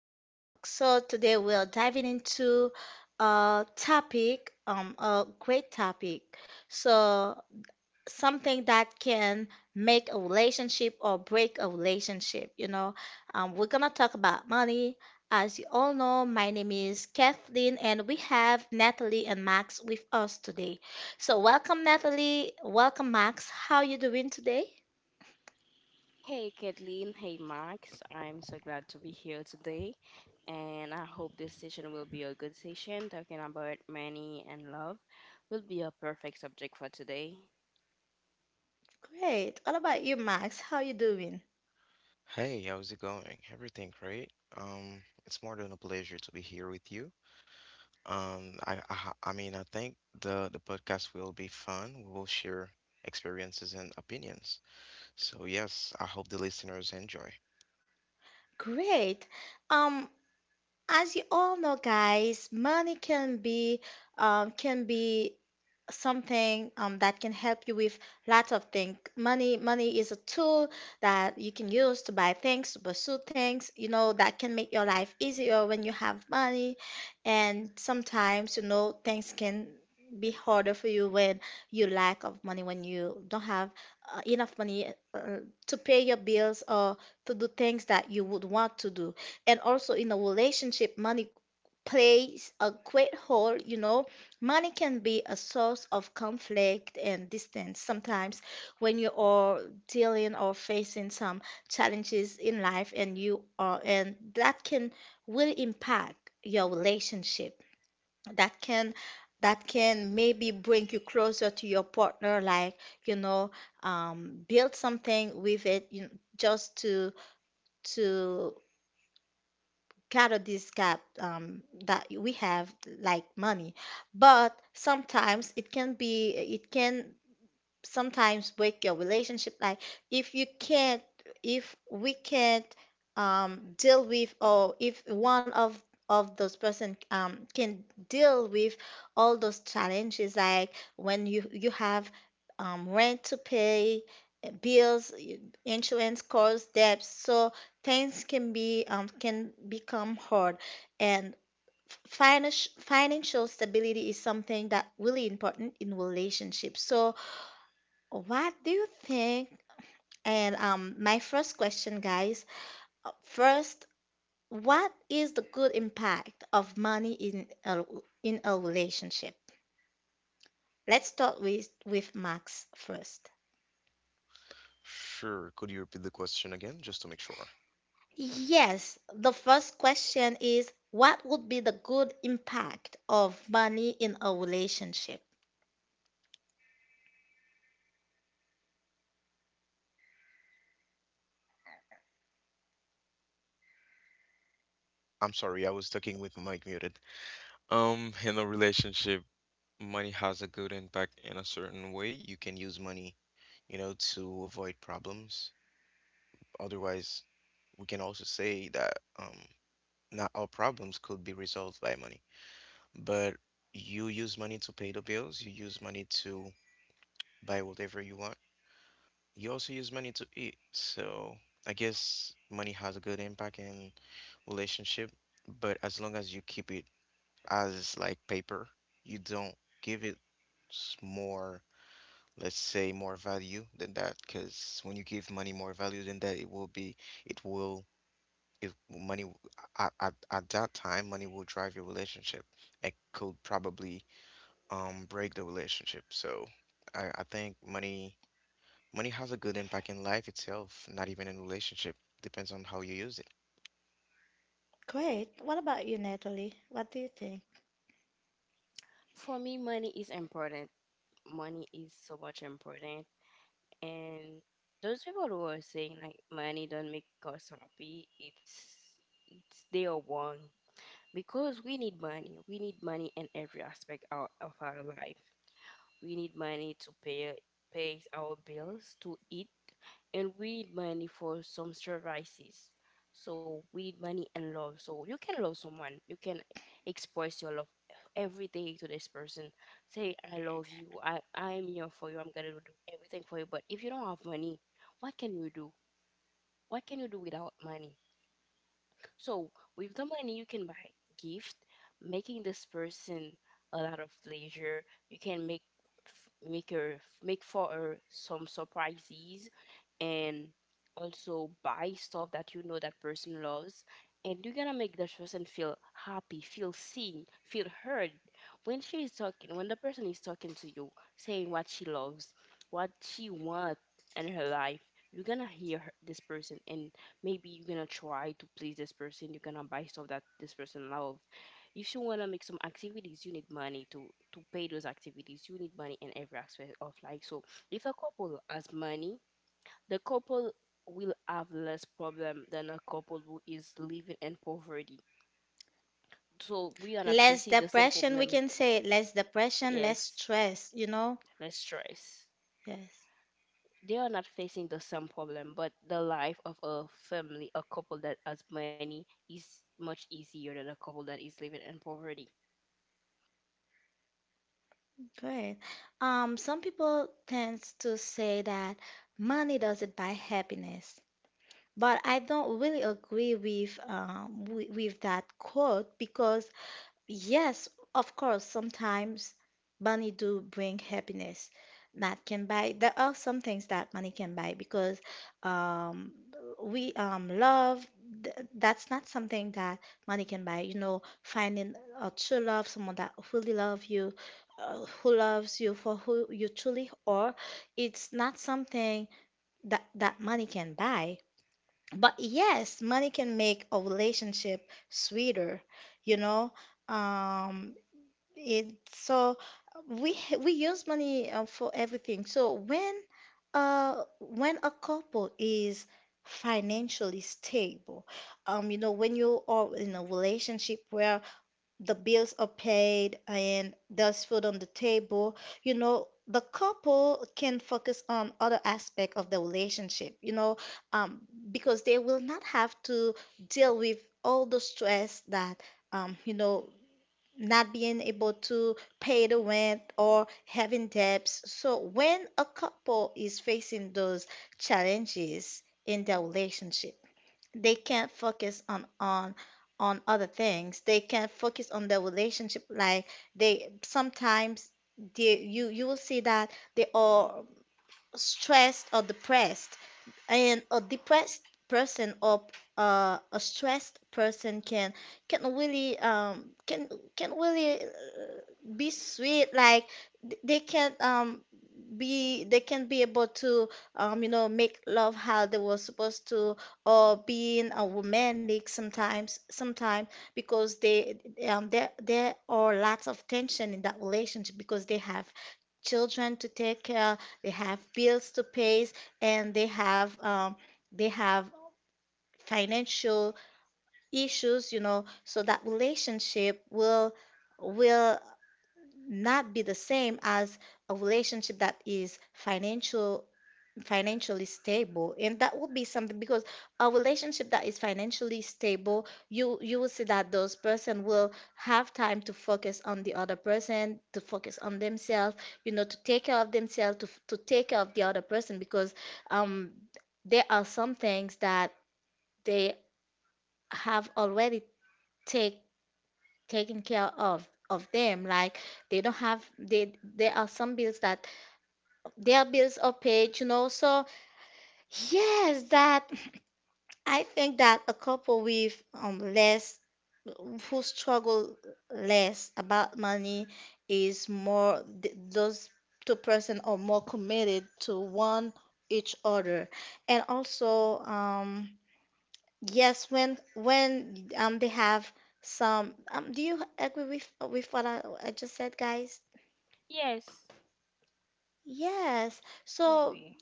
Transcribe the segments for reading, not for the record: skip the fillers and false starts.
Love Talk. So today we are diving into a topic, a great topic. So something that can make a relationship or break a relationship. We're gonna talk about money. As you all know, my name is Kathleen, and we have Natalie and Max with us today. So welcome, Natalie, welcome, Max. How you doing today? Hey Kathleen, hey Max. I'm so glad to be here today, and I hope this session will be a good session. Talking about money and love will be a perfect subject for today. Great. What about you, Max? How you doing? Hey, how's it going? Everything great? It's more than a pleasure to be here with you. I, ha- I mean, I think the podcast will be fun. We will share experiences and opinions. So yes, I hope the listeners enjoy. Great. Um, as you all know, guys, money can be um, can be something that can help you with lots of things. Money is a tool that you can use to buy things, to pursue things, that can make your life easier when you have money. And sometimes, things can be harder for you when you lack of money, when you don't have enough money to pay your bills or to do things that you would want to do. And also in a relationship, money plays a great role. Money can be a source of conflict and distance sometimes when you are dealing or facing some challenges in life, and you are and that can will impact your relationship. That can that can maybe bring you closer to your partner, like you know, build something with it, just to carry this cap that we have, like money. But sometimes it can sometimes break your relationship, like if you can't if we can't deal with, or if one of those person can deal with all those challenges, like when you have rent to pay, bills, insurance costs, debts. So things can be can become hard. And financial stability is something that really important in relationships. So what do you think? And my first question, guys. First, what is the good impact of money in a relationship? Let's start with Max first. Sure. Could you repeat the question again, just to make sure? Yes, the first question is, what would be the good impact of money in a relationship? I'm sorry, I was talking with my mic muted. In a relationship, money has a good impact in a certain way. You can use money, you know, to avoid problems. Otherwise, we can also say that um, not all problems could be resolved by money. But you use money to pay the bills, you use money to buy whatever you want, you also use money to eat. So I guess money has a good impact in relationship, but as long as you keep it as like paper, you don't give it more, let's say, more value than that, because when you give money more value than that, it will be, it will if money at that time money will drive your relationship. It could probably break the relationship. So I think money has a good impact in life itself, not even in relationship. Depends on how you use it. Great. What about you, Natalie? What do you think? For me, money is important. Money is so much important, and those people who are saying like money don't make us happy, it's they are wrong because we need money. We need money in every aspect of our life. We need money to pay our bills, to eat, and we need money for some services. So we need money and love, so you can love someone, you can express your love every day to this person, say I love you. I'm here for you. I'm gonna do everything for you. But if you don't have money, what can you do? What can you do without money? So with the money, you can buy gift, making this person a lot of pleasure. You can make her— make for her some surprises, and also buy stuff that you know that person loves. And you're gonna make that person feel happy, feel seen, feel heard. When she is talking, when the person is talking to you, saying what she loves, what she wants in her life, you're gonna this person, and maybe you're gonna try to please this person. You're gonna buy stuff that this person love. If you wanna make some activities, you need money to pay those activities. You need money in every aspect of life. So if a couple has money, the couple will have less problem than a couple who is living in poverty. So we are not Less facing the same depression, we problem. can say, less depression, less Yes, stress, you know? less stress. Yes. They are not facing the same problem, but the life of a family, a couple that has money, is much easier than a couple that is living in poverty. Great. Some people tend to say that money doesn't buy happiness, but I don't really agree with with that quote, because yes, of course, sometimes money do bring happiness that can buy. There are some things that money can buy, because um, we love, th that's not something that money can buy. Finding a true love, someone that really love you, who loves you for who you truly are, it's not something that money can buy. But yes, money can make a relationship sweeter, you know. Um, it so We use money for everything. So when a couple is financially stable, when you are in a relationship where the bills are paid and there's food on the table, you know, the couple can focus on other aspect of the relationship, you know, um because they will not have to deal with all the stress that, um you know not being able to pay the rent or having debts. So when a couple is facing those challenges in their relationship, they can't focus on on other things. They can't focus on their relationship, like they sometimes they you will see that they are stressed or depressed. And a depressed person, or a stressed person, can really can really be sweet. Like they can be able to make love how they were supposed to, or being a romantic sometimes, because they there are lots of tension in that relationship, because they have children to take care, they have bills to pay, and they have they have financial issues, you know, so that relationship will will not be the same as a relationship that is financially stable. And that would be something, because a relationship that is financially stable, you will see that those person will have time to focus on the other person, to focus on themselves, you know, to take care of themselves, to to take care of the other person, because um there are some things that they have already take taken care of them. Like they don't have they there are some bills that their bills are paid, you know. So yes, that I think that a couple with less, who struggle less about money, is more, those two-person are more committed to one each other. And also yes when they have some, do you agree with what I just said, guys? Yes, Yes. So agree.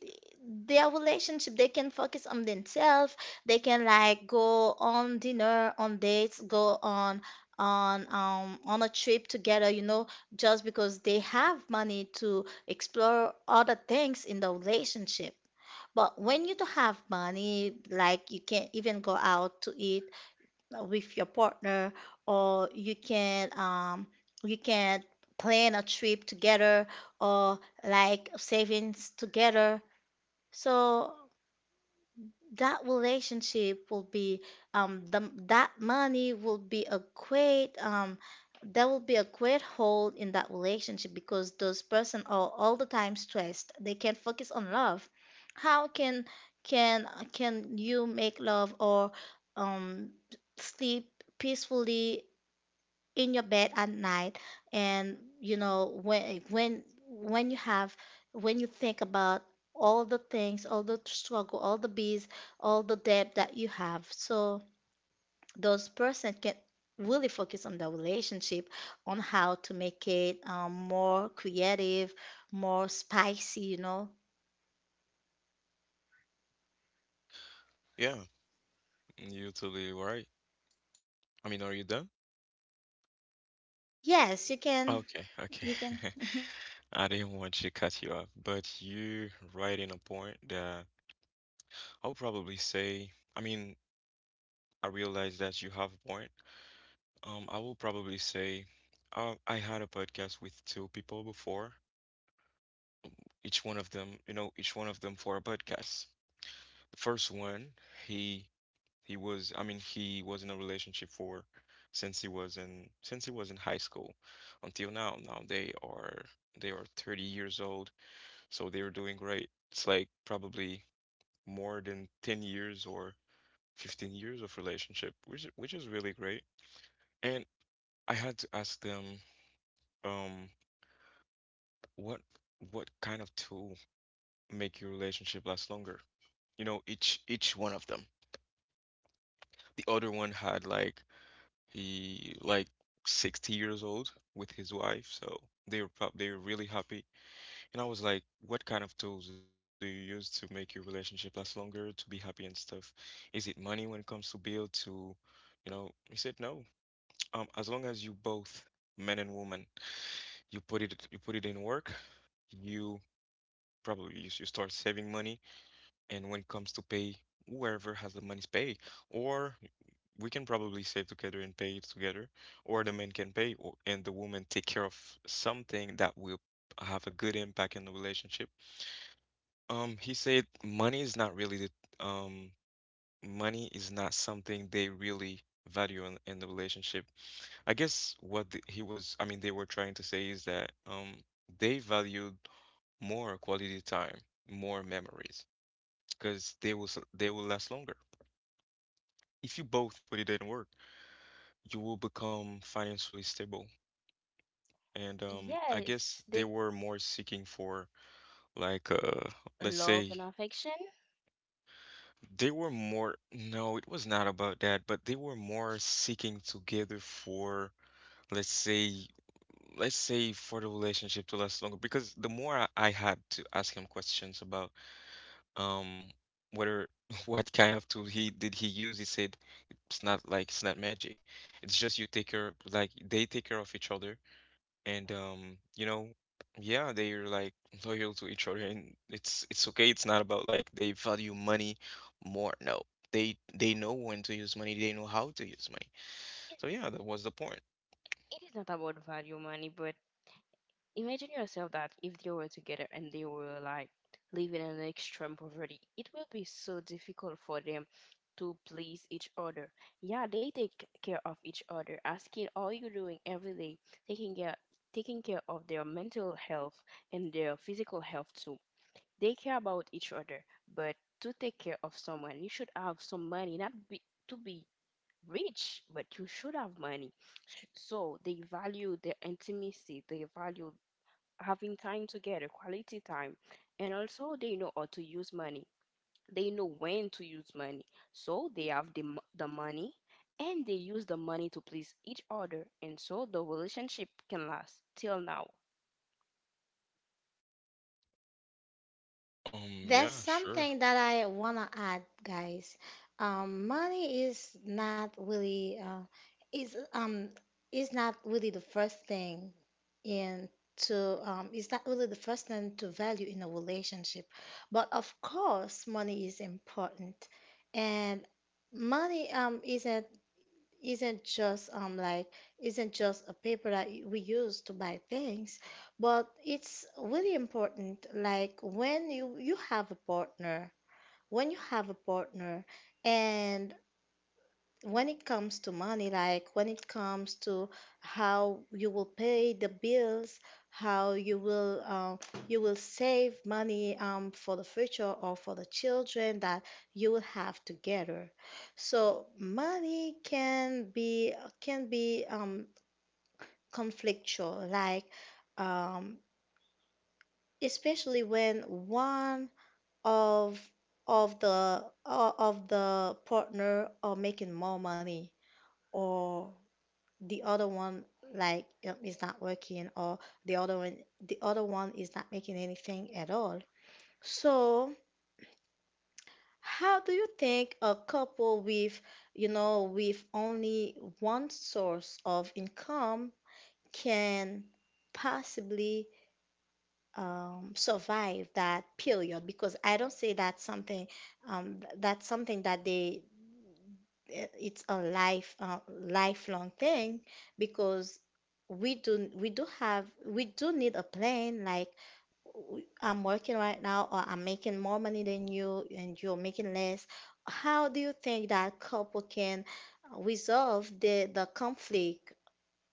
their relationship, they can focus on themselves. They can like go on dinner, on dates, go on a trip together, you know, just because they have money to explore other things in the relationship. But when you don't have money, like you can't even go out to eat with your partner. Or you can plan a trip together, or like savings together. So that relationship will be that money will be a great there will be a great hole in that relationship, because those person are all the time stressed, they can't focus on love. How can can you make love, or um sleep peacefully in your bed at night, and you know, when you have, when you think about all the things, all the struggle, all the bills, all the debt that you have? So those person can really focus on the relationship, on how to make it more creative, more spicy, you know. Yeah, you're totally right. I mean, are you done? Yes, you can. Okay, okay. you can I didn't want to cut you off, but you right in a point that I'll probably say, I mean, I realize that you have a point. I will probably say, I had a podcast with two people before. Each one of them, you know, each one of them for a podcast. The first one, he he was, I mean, he was in a relationship for since he was in high school until now. Now they are 30 years old, so they are doing great. It's like probably more than 10 years or 15 years of relationship, which is really great. And I had to ask them. um What what kind of tool make your relationship last longer? You know, each one of them. The other one had like he like 60 years old with his wife, so they were really happy. And I was like, what kind of tools do you use to make your relationship last longer, to be happy and stuff? Is it money when it comes to bill to, you know, he said no. As long as you both, men and woman, you put it in work, you probably you start saving money, and when it comes to pay, whoever has the money pay, or we can probably save together and pay it together, or the man can pay or, and the woman take care of something that will have a good impact in the relationship. He said money is not really the money is not something they really value in the relationship. I guess what he was, I mean, they were trying to say is that they valued more quality time, more memories, because they will last longer. If you both put it in work, you will become financially stable. And I guess Yes, they they— were more seeking for, like, let's love say, and affection. they were more, no, it was not about that, but they were more seeking together for, let's say, let's say for the relationship to last longer. Because the more I had to ask him questions about. Um, Whether what kind of tool he use? He said it's not magic. It's just you take care like they take care of each other, and you know, yeah, they're like loyal to each other, and it's okay. It's not about like they value money more. No, they know when to use money. They know how to use money. It, So yeah, that was the point. it is not about value money, but imagine yourself that if they were together and they were like living in an extreme poverty, it will be so difficult for them to please each other. Yeah, they take care of each other, asking all you're doing every day, taking care taking care of their mental health and their physical health too. They care about each other, but to take care of someone, you should have some money, not be to be rich, but you should have money. So they value their intimacy, they value having time together, quality time. And also, they know how to use money. They know when to use money. So they have the money, and they use the money to please each other. And so the relationship can last till now. That's Yeah, sure. something that I wanna add, guys. Money is not really is um is not really the first thing in to is not really the first thing to value in a relationship. But of course, money is important, and money isn't just like isn't just a paper that we use to buy things, but it's really important. Like when you have a partner, when you have a partner and when it comes to money, like when it comes to how you will pay the bills, how you will save money for the future or for the children that you will have together. So money can be can be um, conflictual, like um, especially when one of the partner are making more money, or the other one, like is not working, or the other one the other one is not making anything at all. So how do you think a couple with, you know, with only one source of income can possibly survive that period? Because I don't say that's something, that's something that they, it's a life, lifelong thing, because we do need a plan. Like, I'm working right now, or I'm making more money than you, and you're making less. How do you think that couple can resolve the conflict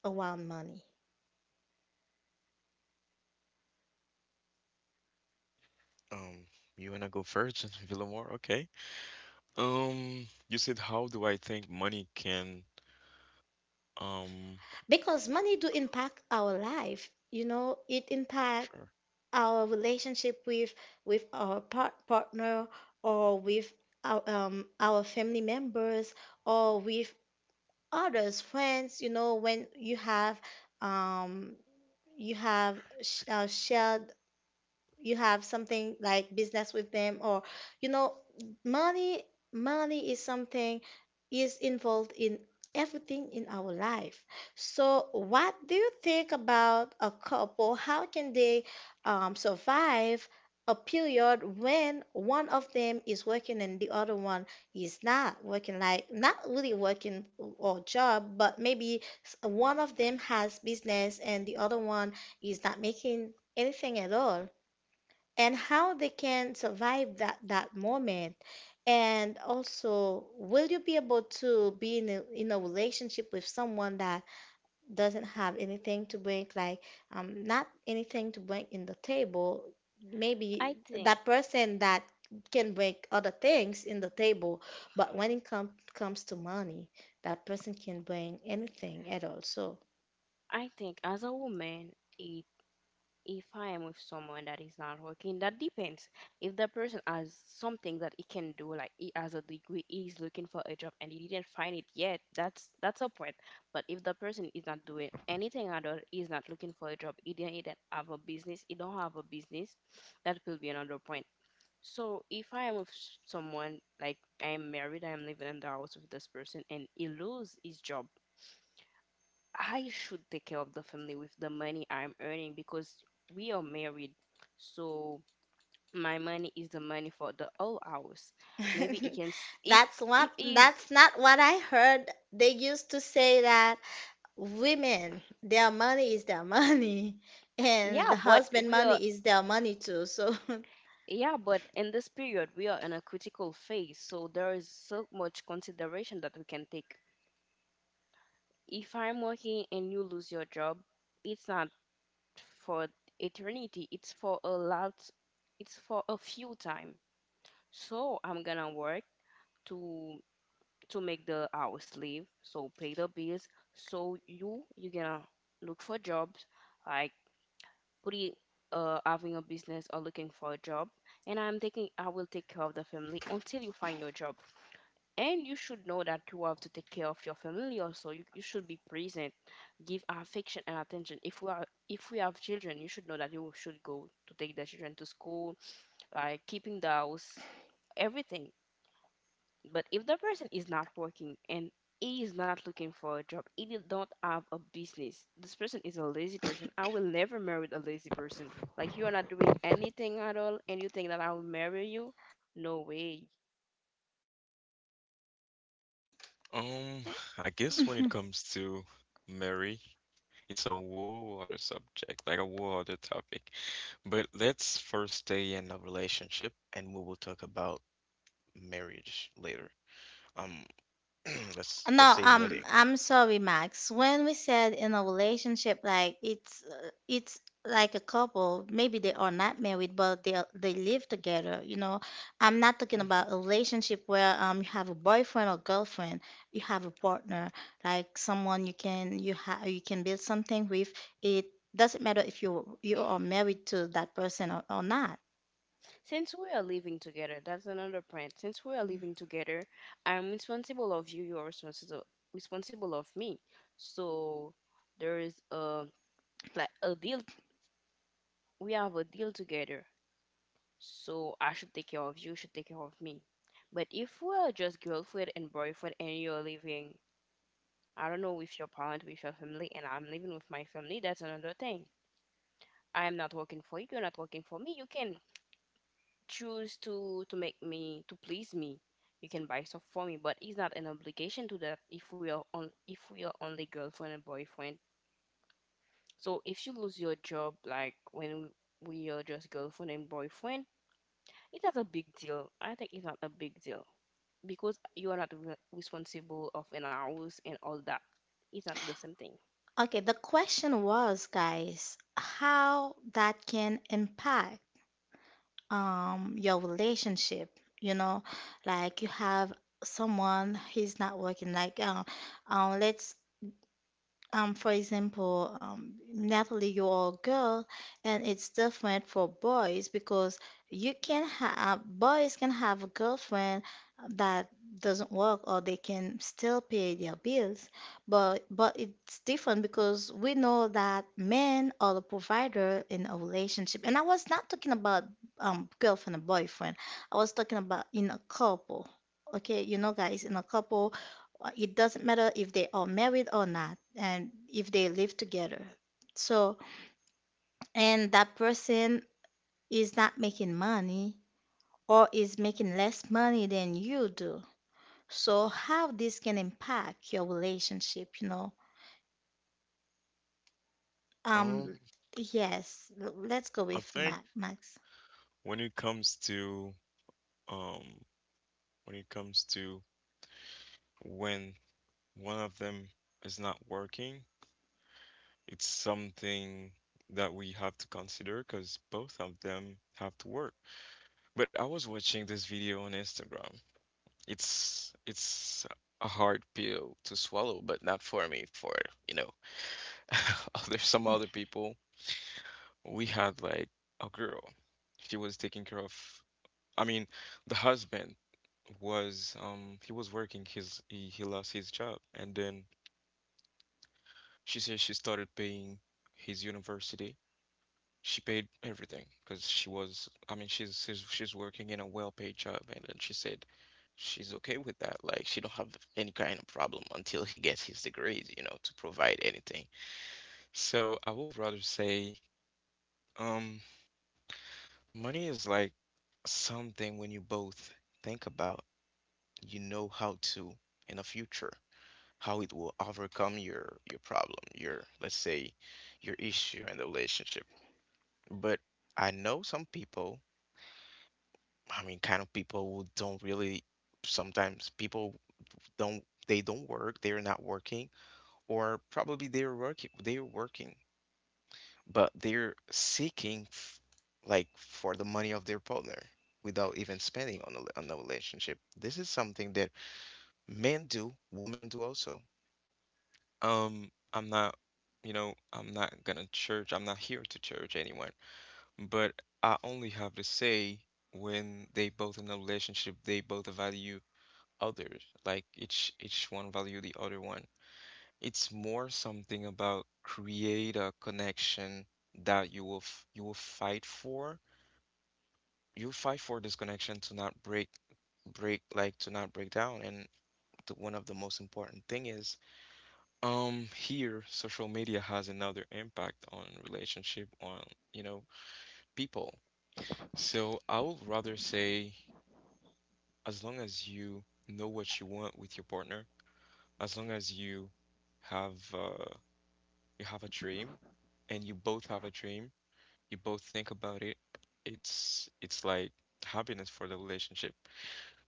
around money? Um, you wanna go first, Villamor? Okay. You said how do I think money can um Because money do impact our life. You know, it impact sure. our relationship with our partner, or with our family members, or with others friends, you know, when um you have sh shared, you have something like business with them, or, you know, money, is something, is involved in everything in our life. So what do you think about a couple? How can they survive a period when one of them is working and the other one is not working, like not really working or job, but maybe one of them has business and the other one is not making anything at all, and how they can survive that moment? And also, will you be able to be in a relationship with someone that doesn't have anything to bring, like not anything to bring in the table? Maybe I think, that person that can bring other things in the table, but when it comes to money, that person can bring anything at all. So I think as a woman, it if I am with someone that is not working, that depends. If the person has something that he can do, like he has a degree, he is looking for a job and he didn't find it yet, that's a point. But if the person is not doing anything at all, he is not looking for a job, he didn't have a business, he don't have a business, that will be another point. So if I am with s- someone like I am married, I am living in the house with this person, and he lose his job, I should take care of the family with the money I'm earning because we are married. So my money is the money for the whole house. Maybe it can if that's what, it is. that's not what I heard, they used to say that women, their money is their money, and Yeah, the but husband we are— money is their money too. So yeah, but in this period we are in a critical phase, so there is so much consideration that we can take. If I'm working and you lose your job, it's not for eternity, it's for a few time. So I'm gonna work to make the house live, so pay the bills. So you gonna look for jobs, like pretty— having a business or looking for a job. And I'm thinking I will take care of the family until you find your job. And you should know that you have to take care of your family also. You should be present, give affection and attention. If we are— if we have children, you should know that you should go to take the children to school, like keeping the house, everything. But if the person is not working and is not looking for a job, he did not have a business. This person is a lazy person. I will never marry a lazy person. Like, you are not doing anything at all, and you think that I will marry you? No way. Um, I guess when it comes to Mary, it's a whole other subject, like a whole other topic. But let's first stay in a relationship and we will talk about marriage later. Um, let's No, say wedding. I'm sorry, Max. When we said in a relationship, like it's like a couple, maybe they are not married, but they live together. You know, I'm not talking Mhm. about a relationship where you have a boyfriend or girlfriend, you have a partner, like someone you can, you can build something with. It doesn't matter if you are married to that person or not. Since we are living together, that's another point. Since we are living together, I'm responsible of you. You are responsible of me. So there is a— like a deal. We have a deal together. So I should take care of you, you should take care of me. But if we're just girlfriend and boyfriend and you're living, I don't know, with your parent, with your family, and I'm living with my family, that's another thing. I'm not working for you, you're not working for me. You can choose to make me to please me. You can buy stuff for me, but it's not an obligation to that if we are on— if we are only girlfriend and boyfriend. So if you lose your job, like when we are just girlfriend and boyfriend, it's not a big deal. I think it's not a big deal because you are not responsible of an house and all that. It's not the same thing. Okay, the question was, guys, how that can impact your relationship. You know, like you have someone he's not working. Like, let's for example, Natalie, you're a girl, and it's different for boys because you can have boys can have a girlfriend that doesn't work or they can still pay their bills. But it's different because we know that men are the provider in a relationship. And I was not talking about girlfriend and boyfriend. I was talking about in a couple. Okay, you know, guys, in a couple, it doesn't matter if they are married or not and if they live together. So and that person is not making money or is making less money than you do. So how this can impact your relationship, Um, um yes, let's go I with think Max. when it comes to um when it comes to when one of them is not working, it's something that we have to consider because both of them have to work. But I was watching this video on Instagram. It's a hard pill to swallow, but not for me, for, you know, other some other people. We had like a girl. She was taking care of, I mean, the husband was he was working his he lost his job, and then she said she started paying his university. She paid everything because she was I mean she's, she's working in a well-paid job, and then she said she's okay with that. Like, she don't have any kind of problem until he gets his degrees, you know, to provide anything. So I would rather say, um money is like something when you both think about, you know, how to in the future how it will overcome your problem, your let's say your issue in the relationship. But I know some people, I mean, kind of people who don't really sometimes people don't they don't work, they're not working, or probably they're working, but they're seeking like for the money of their partner without even spending on the relationship. This is something that men do, women do also. I'm not, you know, I'm not gonna church, I'm not here to church anyone, but I only have to say when they both in a relationship, they both value others, like each one value the other one. It's more something about create a connection that you will fight for. You fight for this connection to not break, like to not break down. And the, one of the most important thing is here social media has another impact on relationship on, you know, people. So I would rather say, as long as you know what you want with your partner, as long as have uh, you have a dream, and you both have a dream, you both think about it, it's like happiness for the relationship.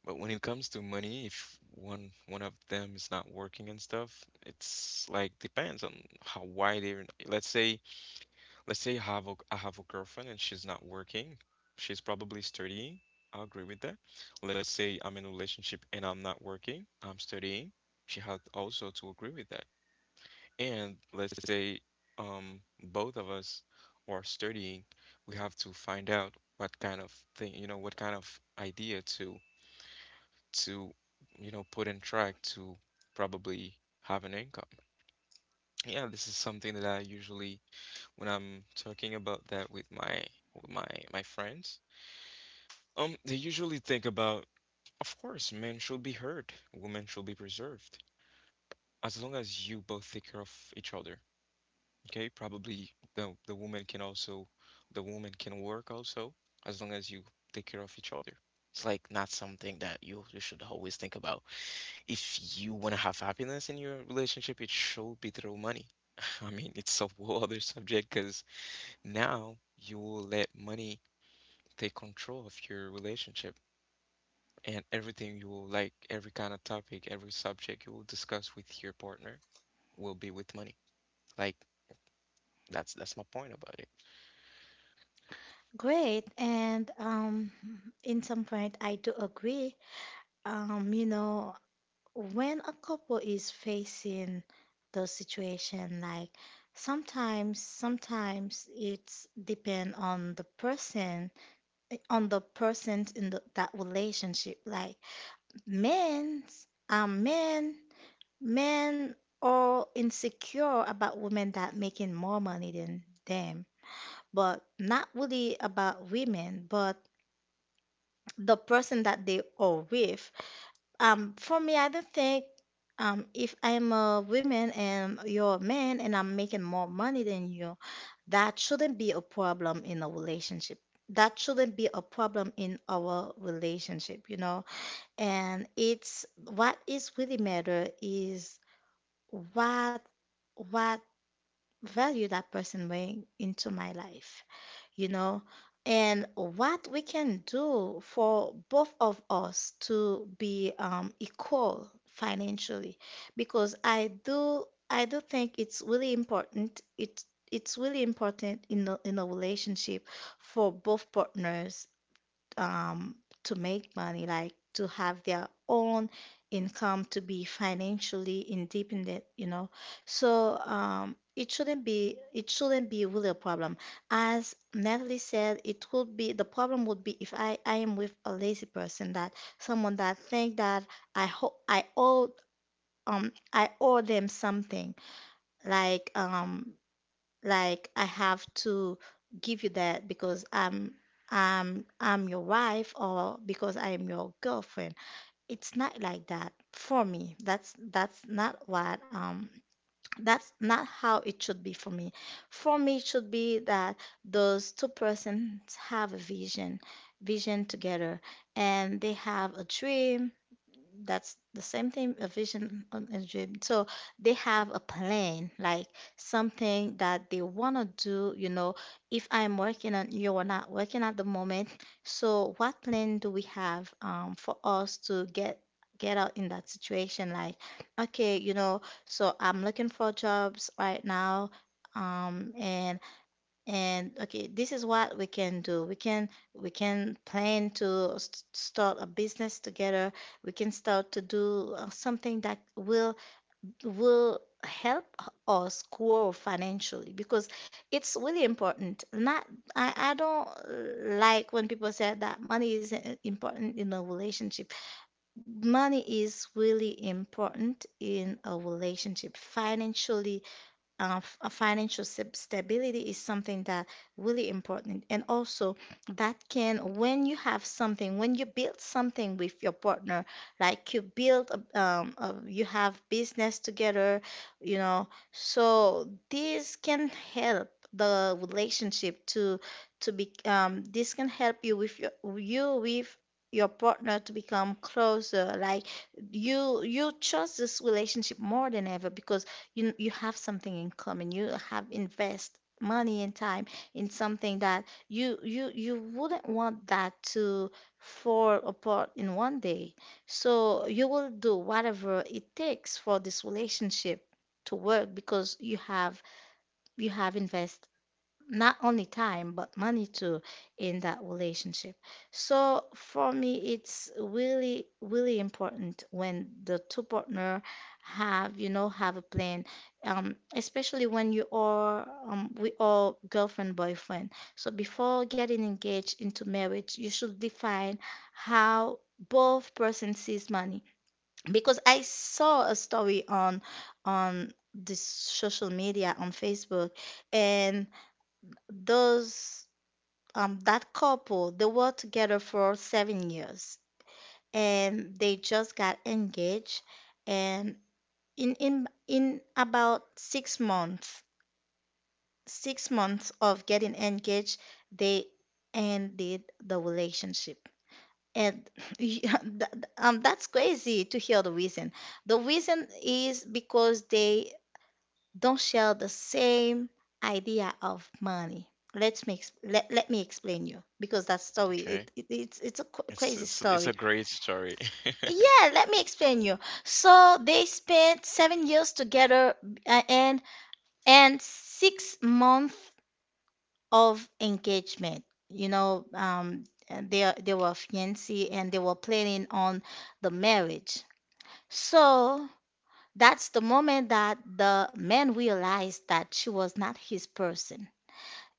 But when it comes to money, if one of them is not working and stuff, it's like depends on how wide. Even let's say, let's say I have a girlfriend and she's not working. She's probably studying. I agree with that. Let's say I'm in a relationship and I'm not working. I'm studying. She had also to agree with that. And let's say both of us are studying, we have to find out what kind of thing, you know, what kind of idea to, you know, put in track to probably have an income. Yeah, this is something that I usually when I'm talking about that with with my my friends, they usually think about, of course, men should be heard, women should be preserved. As long as you both take care of each other. Okay, probably the woman can also the woman can work also as long as you take care of each other. It's like not something that you should always think about. If you want to have happiness in your relationship, it should be through money. I mean, it's a whole other subject because now you will let money take control of your relationship, and everything you will like, every kind of topic, every subject you will discuss with your partner will be with money. Like that's my point about it. Great. And in some point I do agree. You know, when a couple is facing the situation, like sometimes it's depend on the person, on the person in the, that relationship. Like men are men men are insecure about women that making more money than them, but not really about women, but the person that they are with. For me, I don't think, if I'm a woman and you're a man and I'm making more money than you, that shouldn't be a problem in a relationship. That shouldn't be a problem in our relationship, you know. And it's what is really matter is what what value that person bring into my life, you know, and what we can do for both of us to be equal financially, because I do think it's really important. It's really important in a relationship for both partners, um, to make money, like to have their own income, to be financially independent, you know. So it shouldn't be really a problem. As Natalie said, it would be the problem would be if I am with a lazy person, that someone that think that I owe, I owe them something, like um like I have to give you that because I'm your wife or because I am your girlfriend. It's not like that for me. That's not what that's not how it should be for me. For me, it should be that those two persons have a vision, vision together, and they have a dream. That's the same thing, a vision and a dream. So they have a plan, like something that they want to do, you know. If I'm working and you're not working at the moment, so what plan do we have, for us to get out in that situation. Like okay, you know, so I'm looking for jobs right now, um, and and okay, this is what we can do. We can plan to start a business together. We can start to do something that will help us grow financially, because it's really important. Not, I don't like when people say that money is important in a relationship. Money is really important in a relationship. Financially, financial stability is something that really important, and also that can, when you have something, when you build something with your partner, like you build a, you have business together, you know, so this can help the relationship to be, this can help you with your, you with your partner to become closer. Like you trust this relationship more than ever, because you have something in common. You have invest money and time in something that you wouldn't want that to fall apart in 1 day. So you will do whatever it takes for this relationship to work, because you have invest not only time but money too in that relationship. So for me, it's really really important when the two partner have, you know, have a plan, especially when you are we are girlfriend boyfriend. So before getting engaged into marriage, you should define how both person sees money, because I saw a story on this social media on Facebook, and those, that couple, they were together for 7 years and they just got engaged, and in about 6 months, 6 months of getting engaged, they ended the relationship. And yeah, that's crazy to hear the reason. The reason is because they don't share the same idea of money. Let, let me explain you, because that story, Okay. It's a crazy It's a story. great story. Yeah, let me explain you. So they spent 7 years together, uh, and and 6 months of engagement. You know, and they were fiancé and they were planning on the marriage. So that's the moment that the man realized that she was not his person.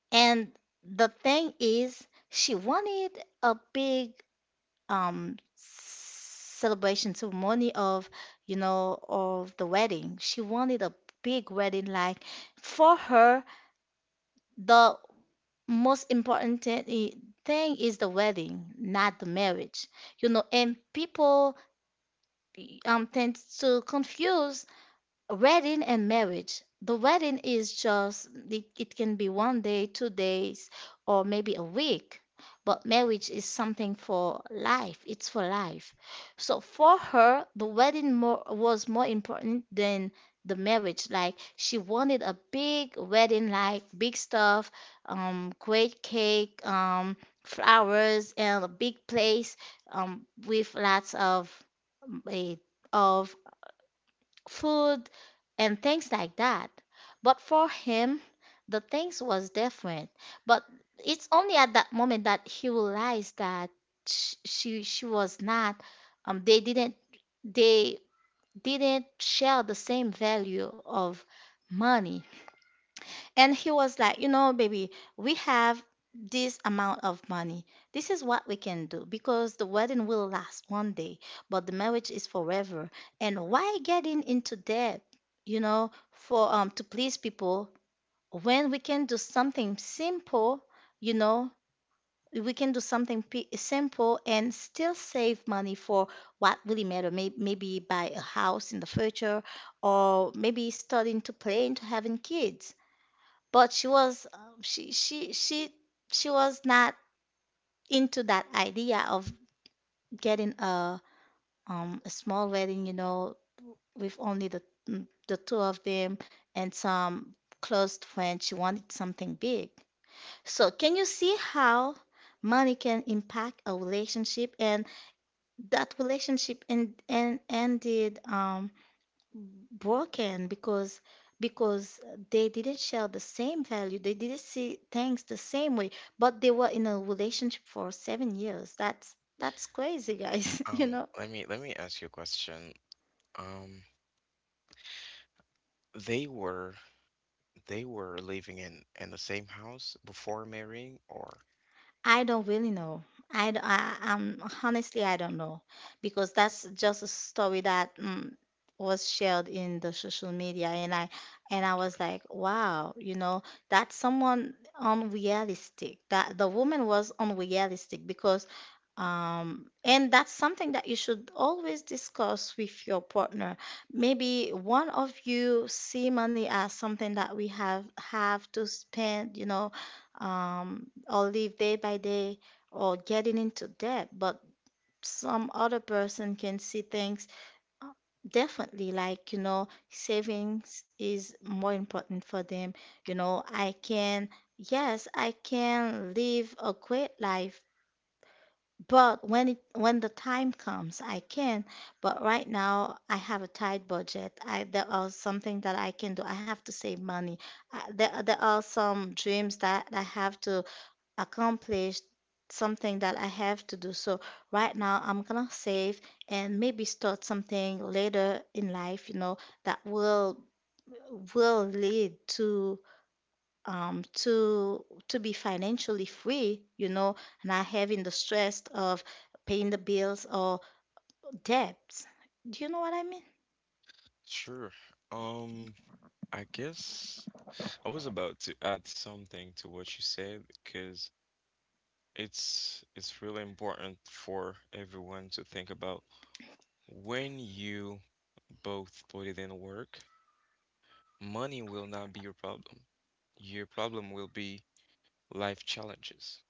And the thing is, she wanted a big, celebration ceremony of, you know, of the wedding. She wanted a big wedding. Like for her, the most important thing, i- thing is the wedding, not the marriage. You know, and people tend to confuse wedding and marriage. The wedding is just, it can be 1 day, 2 days, or maybe a week, but marriage is something for life. It's for life. So for her the was more important than the marriage. Like she wanted a big wedding, like big stuff, great cake, flowers and a big place, with lots of, eh, of food and things like that. But for him, the things was different. But it's only at that moment that he realized that she was not, they didn't, they didn't share the same value of money. And he was like, you know, baby, we have this amount of money. This is what we can do, because the wedding will last 1 day, but the marriage is forever. And why getting into debt, you know, for, to please people, when we can do something simple, you know, we can do something p simple and still save money for what really matter. Maybe buy a house in the future, or maybe starting to plan to having kids. But she was, she was not into that idea of getting a, a small wedding, you know, with only the, the two of them and some close friends. She wanted something big. So can you see how money can impact a relationship? And that relationship and ended broken, because because they didn't share the same value, they didn't see things the same way. But they were in a relationship for 7 years. That's crazy, guys. You know, Let me ask you a question. Um, they were they were living in the same house before marrying, or I don't really know. I'm, honestly, I don't know, because that's just a story that was shared in the social media, and I was okay, like, wow, you know, that's someone unrealistic. That, the woman was unrealistic because, and that's something that you should always discuss with your partner. Maybe one of you see money as something that we have to spend, you know, or live day by day, or getting into debt, but some other person can see things differently. Like, you know, savings is more important for them. You know, yes, I can live a great life, but when the time comes, I can. But right now, I have a tight budget. I There are something that I can do. I have to save money. I, there are some dreams that I have to accomplished, something that I have to do. So right now I'm gonna save and maybe start something later in life, you know, that will lead to, to be financially free, you know, not having the stress of paying the bills or debts. Do you know what I mean? sure. Um, I guess I was about to add something to what you said because it's really important for everyone to think about when you both put it in work, money will not be your problem. Your problem will be life challenges.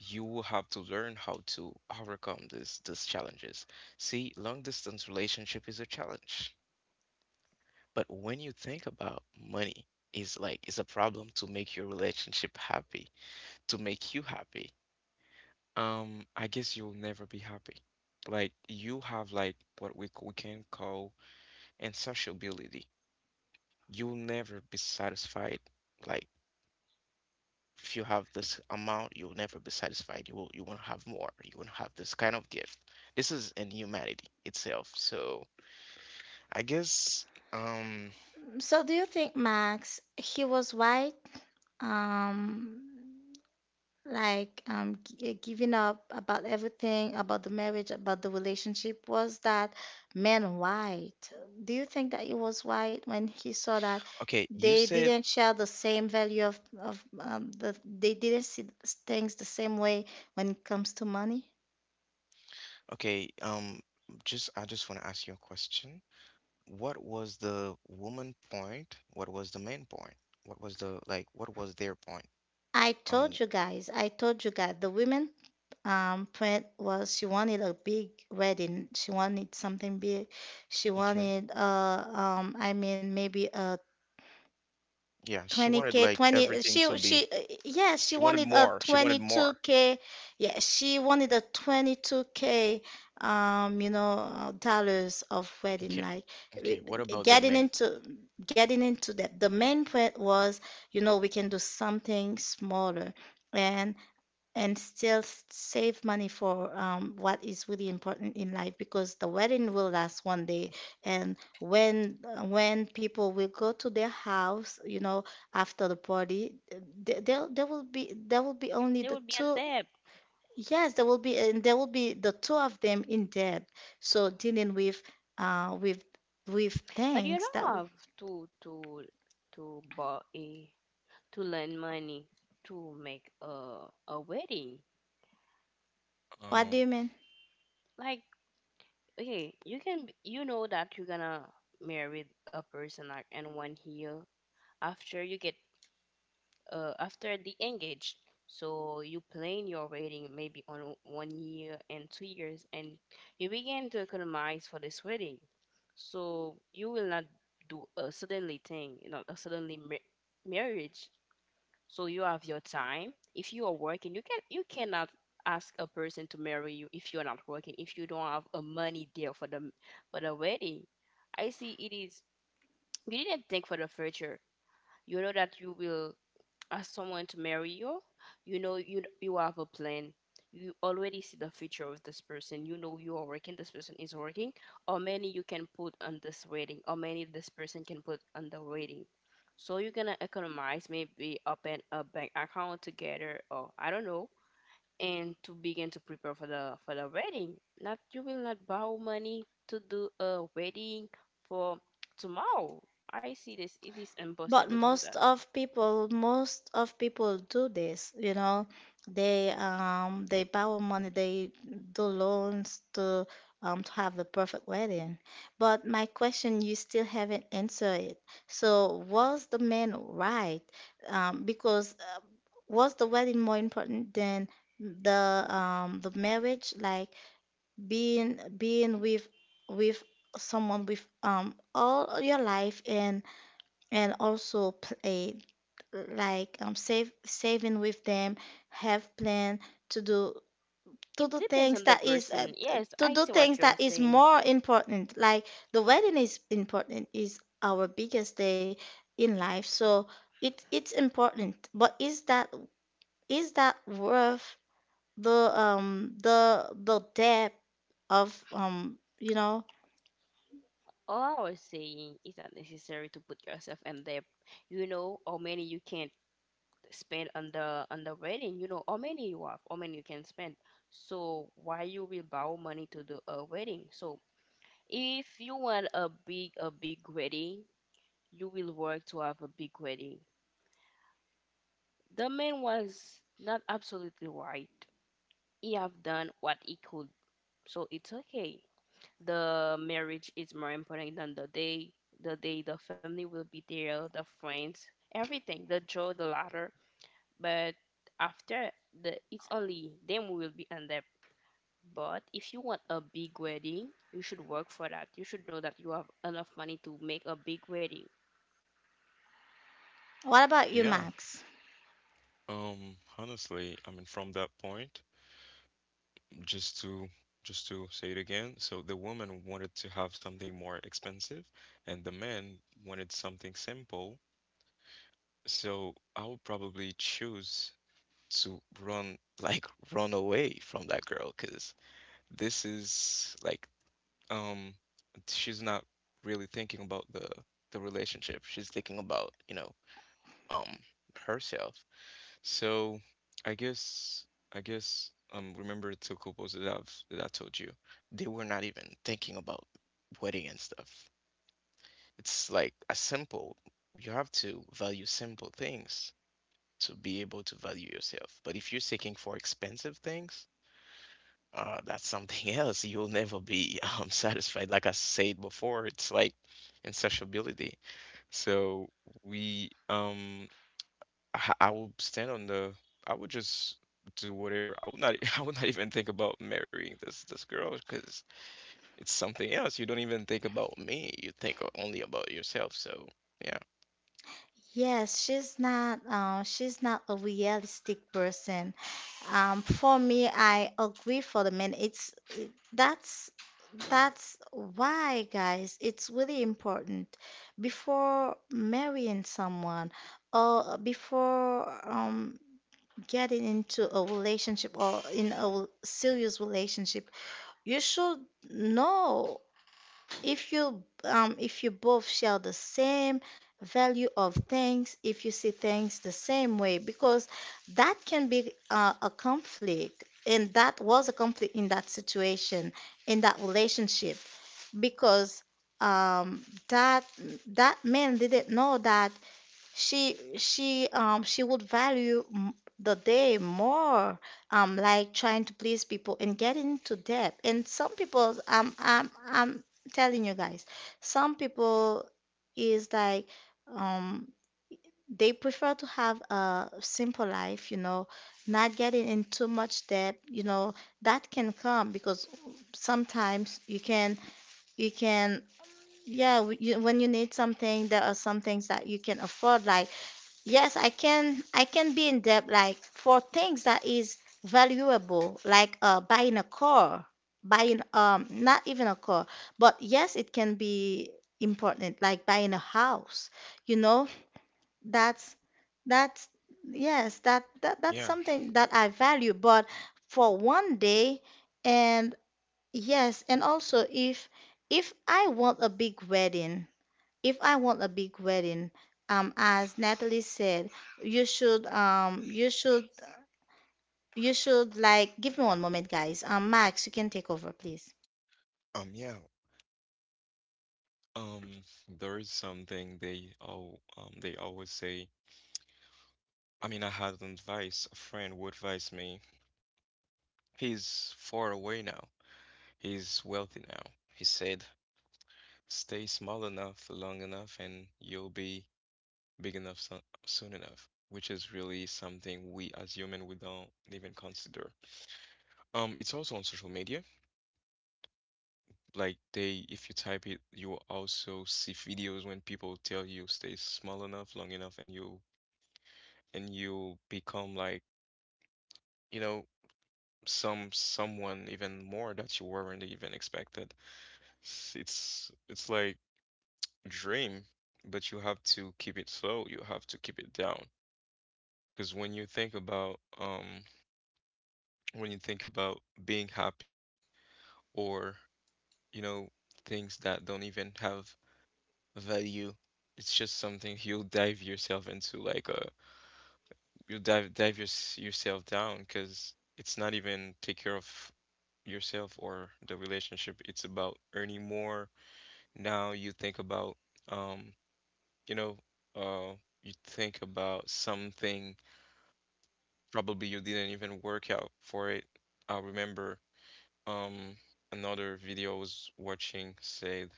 You will have to learn how to overcome these challenges. See, long distance relationship is a challenge. But when you think about money, is like is a problem to make your relationship happy, to make you happy. I guess you'll never be happy. Like you have like what we can call insatiability. You'll never be satisfied. Like if you have this amount, you'll never be satisfied. You won't have more. You won't have this kind of gift. This is in humanity itself. I guess um So do you think Max he was right? Um like giving up about everything, about the marriage, about the relationship, was that man white? Do you think that he was white when he saw that okay, you they said didn't share the same value of they didn't see things the same way when it comes to money? okay, um just I just want to ask you a question. What was the woman point? What was the main point? What was their point I on told you guys, I told you guys, the women print was she wanted a big wedding, she wanted something big. She Okay. wanted maybe a Yeah, she wanted 20K, like 20, everything to be yeah, she she wanted wanted a more. She wanted more. 22K, yeah, she wanted a 22K, you know, dollars of wedding, Okay. like w- Okay, what w- about the getting man? into, getting into that. The main point was, you know, we can do something smaller. And and still save money for what is really important in life, because the wedding will last 1 day. And when people will go to their house, after the party, there will be only They the would be in two. debt. Yes, there will be, and there will be the two of them in debt. So dealing with uh with with But you things don't that will- have to to to buy a to lend money to make a wedding. What Um, do you mean? Like, okay, you can you know that you're gonna marry a person like in one year after you get— after they engage. So you plan your wedding maybe on one year and 2 years, and you begin to economize for this wedding. So you will not do a suddenly thing, you know, a suddenly marriage. So you have your time. If you are working, you cannot ask a person to marry you if you're not working. If you don't have a money there for the wedding, I see it is— you didn't think for the future. You know that you will ask someone to marry you, you know you have a plan. You already see the future of this person. You know you are working. This person is working. How many you can put on this wedding? How many this person can put on the wedding? So you're gonna economize, maybe open a bank account together, or I don't know, and to begin to prepare for the wedding. Not— you will not borrow money to do a wedding for tomorrow. I see this. It is But impossible to do that. Most of people do this, you know. They borrow money, they do loans to have the perfect wedding. But my question, you still haven't answered it. So was the man right? Because was the wedding more important than the marriage? Like being with someone with all your life, and also play, like save saving with them, have plan to do, to It do depends things on the that is person. Yes, to I do see what things you're that is saying. more important. Like, the wedding is important, is our biggest day in life, so it it's important, but is that, is that worth the debt of you know. All I was saying is that necessary to put yourself in there. You know how many you can spend on the wedding. You know how many you have, how many you can spend. So why you will borrow money to do a wedding? So if you want a big wedding, you will work to have a big wedding. The man was not absolutely right. He have done what he could, so it's okay. The marriage is more important than the day. The day the family will be there, the friends, everything, the joy, the laughter. But after— the, it's only then we will be on that. But if you want a big wedding, you should work for that. You should know that you have enough money to make a big wedding. What about you, yeah. Max? Honestly, I mean, from that point, just to just to say it again, so the woman wanted to have something more expensive, and the man wanted something simple. So I would probably choose to run, like run away from that girl, because this is like, um, she's not really thinking about the relationship. She's thinking about, you know, um, herself. So I guess remember two couples that I told you, they were not even thinking about wedding and stuff. It's like a simple, you have to value simple things to be able to value yourself. But if you're seeking for expensive things, that's something else. You'll never be satisfied. Like I said before, it's like insatiability. So we I would stand on the I would just do whatever. I would not I would not even think about marrying this girl because it's something else. You don't even think about me. You think only about yourself. So yeah. Yes, she's not a realistic person. For me, I agree for the men. That's that's why, guys, it's really important before marrying someone, or before getting into a relationship or in a serious relationship, you should know if you both share the same value of things, if you see things the same way, because that can be a conflict, and that was a conflict in that situation, in that relationship, because um, that that man didn't know that she would value the day more, like trying to please people and get into debt. And some people, I'm telling you guys, some people is like, um they prefer to have a simple life, you know, not getting in too much debt, you know. That can come because sometimes you can, you can, yeah, you, when you need something there are some things that you can afford, like, yes, I can be in debt like for things that is valuable, like buying a car, buying not even a car, but yes, it can be important, like buying a house. You know, that's that's, yes, that's Yeah. something that I value, but for 1 day. And yes, and also if I want a big wedding, if I want a big wedding, as Natalie said, you should, you should, you should, like, give me one moment, guys. Max, you can take over, please. Um yeah. Um there is something they always say. I mean I had an advice, a friend would advise me. He's far away now. He's wealthy now. He said stay small enough long enough, and you'll be big enough soon enough, which is really something we as human we don't even consider. It's also on social media. Like they, if you type it, you will also see videos when people tell you stay small enough long enough, and you become like, you know, someone even more that you weren't even expected. It's like dream, but you have to keep it slow. You have to keep it down, because when you think about when you think about being happy or, you know, things that don't even have value, it's just something you'll dive yourself into, like you'll yourself down because it's not even take care of yourself or the relationship, it's about earning more. Now you think about um you know uh you think about something probably you didn't even work out for it. I remember. Um, another video I was watching said,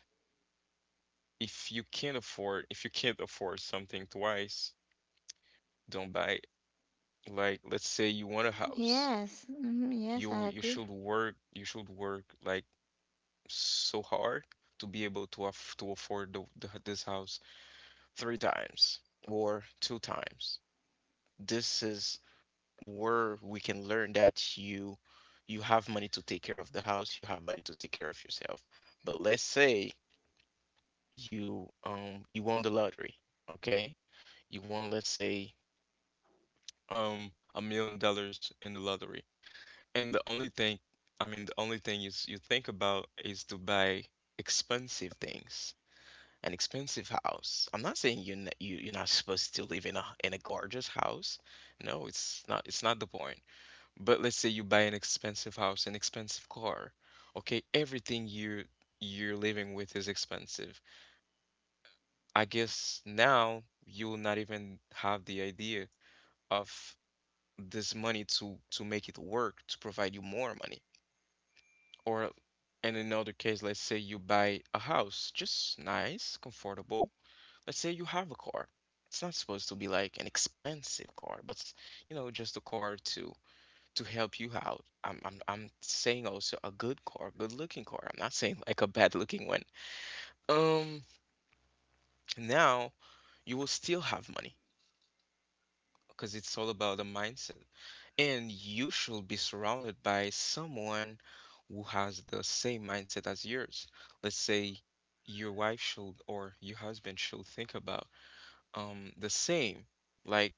if you can't afford something twice, don't buy it. Like, let's say you want a house. Yes, mhm, yes, You I you agree. should work, you should work like so hard to be able to afford the this house three times or two times. This is where we can learn that you have money to take care of the house, you have money to take care of yourself. But let's say you won the lottery, okay? You won, let's say, $1 million in the lottery. And the only thing, I mean, the only thing is you think about is to buy expensive things, an expensive house. I'm not saying you're not supposed to live in a gorgeous house. No, it's not the point. But let's say you buy an expensive house, an expensive car. Okay, everything you're living with is expensive. I guess now you will not even have the idea of this money to make it work to provide you more money. Or in another case, let's say you buy a house, just nice, comfortable. Let's say you have a car. It's not supposed to be like an expensive car, but you know, just a car to help you out. I'm saying also a good car, good looking car. I'm not saying like a bad looking one. Um, now you will still have money because it's all about the mindset. And you should be surrounded by someone who has the same mindset as yours. Let's say your wife should or your husband should think about the same. Like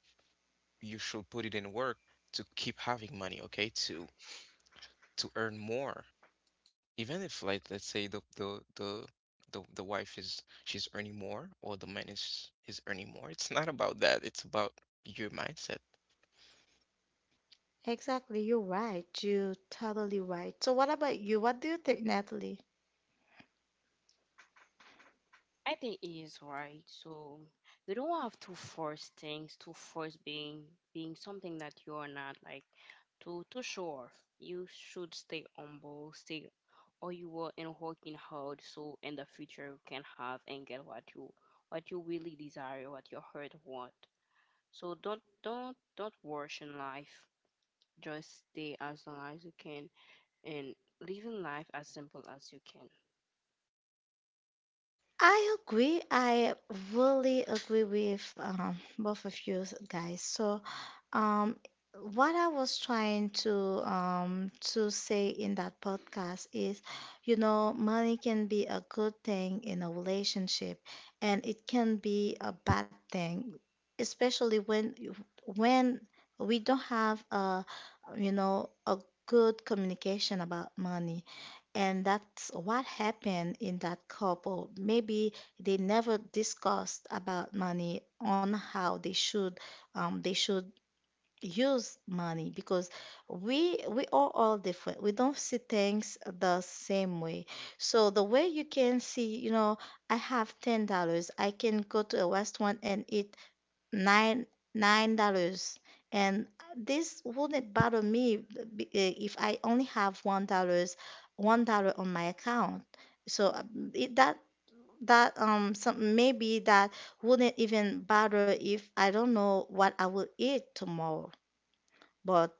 you should put it in work to keep having money, okay? To earn more. Even if, like, let's say the wife is she's earning more, or the man is earning more. It's not about that. It's about your mindset. Exactly, you're right. You're totally right. So, what about you? What do you think, Natalie? I think it is right. So you don't have to force things, to force being— being something that you are not, like, to show off. You should stay humble, stay— or you are in working hard, so in the future you can have and get what you really desire, what your heart want. So don't rush in life. Just stay as long as you can, and living life as simple as you can. I agree. I really agree with both of you guys. So, um, what I was trying to say in that podcast is, you know, money can be a good thing in a relationship, and it can be a bad thing, especially when when we don't have a, you know, a good communication about money. And that's what happened in that couple. Maybe they never discussed about money on how they should, they should use money, because we are all different. We don't see things the same way. So the way you can see, you know, I have $10. I can go to a restaurant and eat nine nine dollars, and this wouldn't bother me, if I only have $1, $1 on my account. So it, that some, maybe that wouldn't even bother if I don't know what I will eat tomorrow. But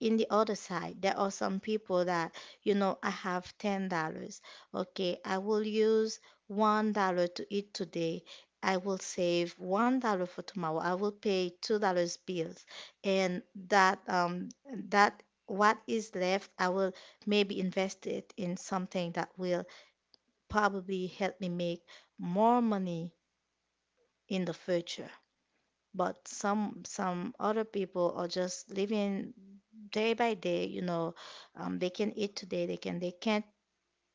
in the other side, there are some people that, you know, I have $10. Okay, I will use $1 to eat today. I will save $1 for tomorrow. I will pay $2 bills. And that, that what is left, I will maybe invest it in something that will probably help me make more money in the future. But some other people are just living day by day, you know, they can eat today, they can, they can't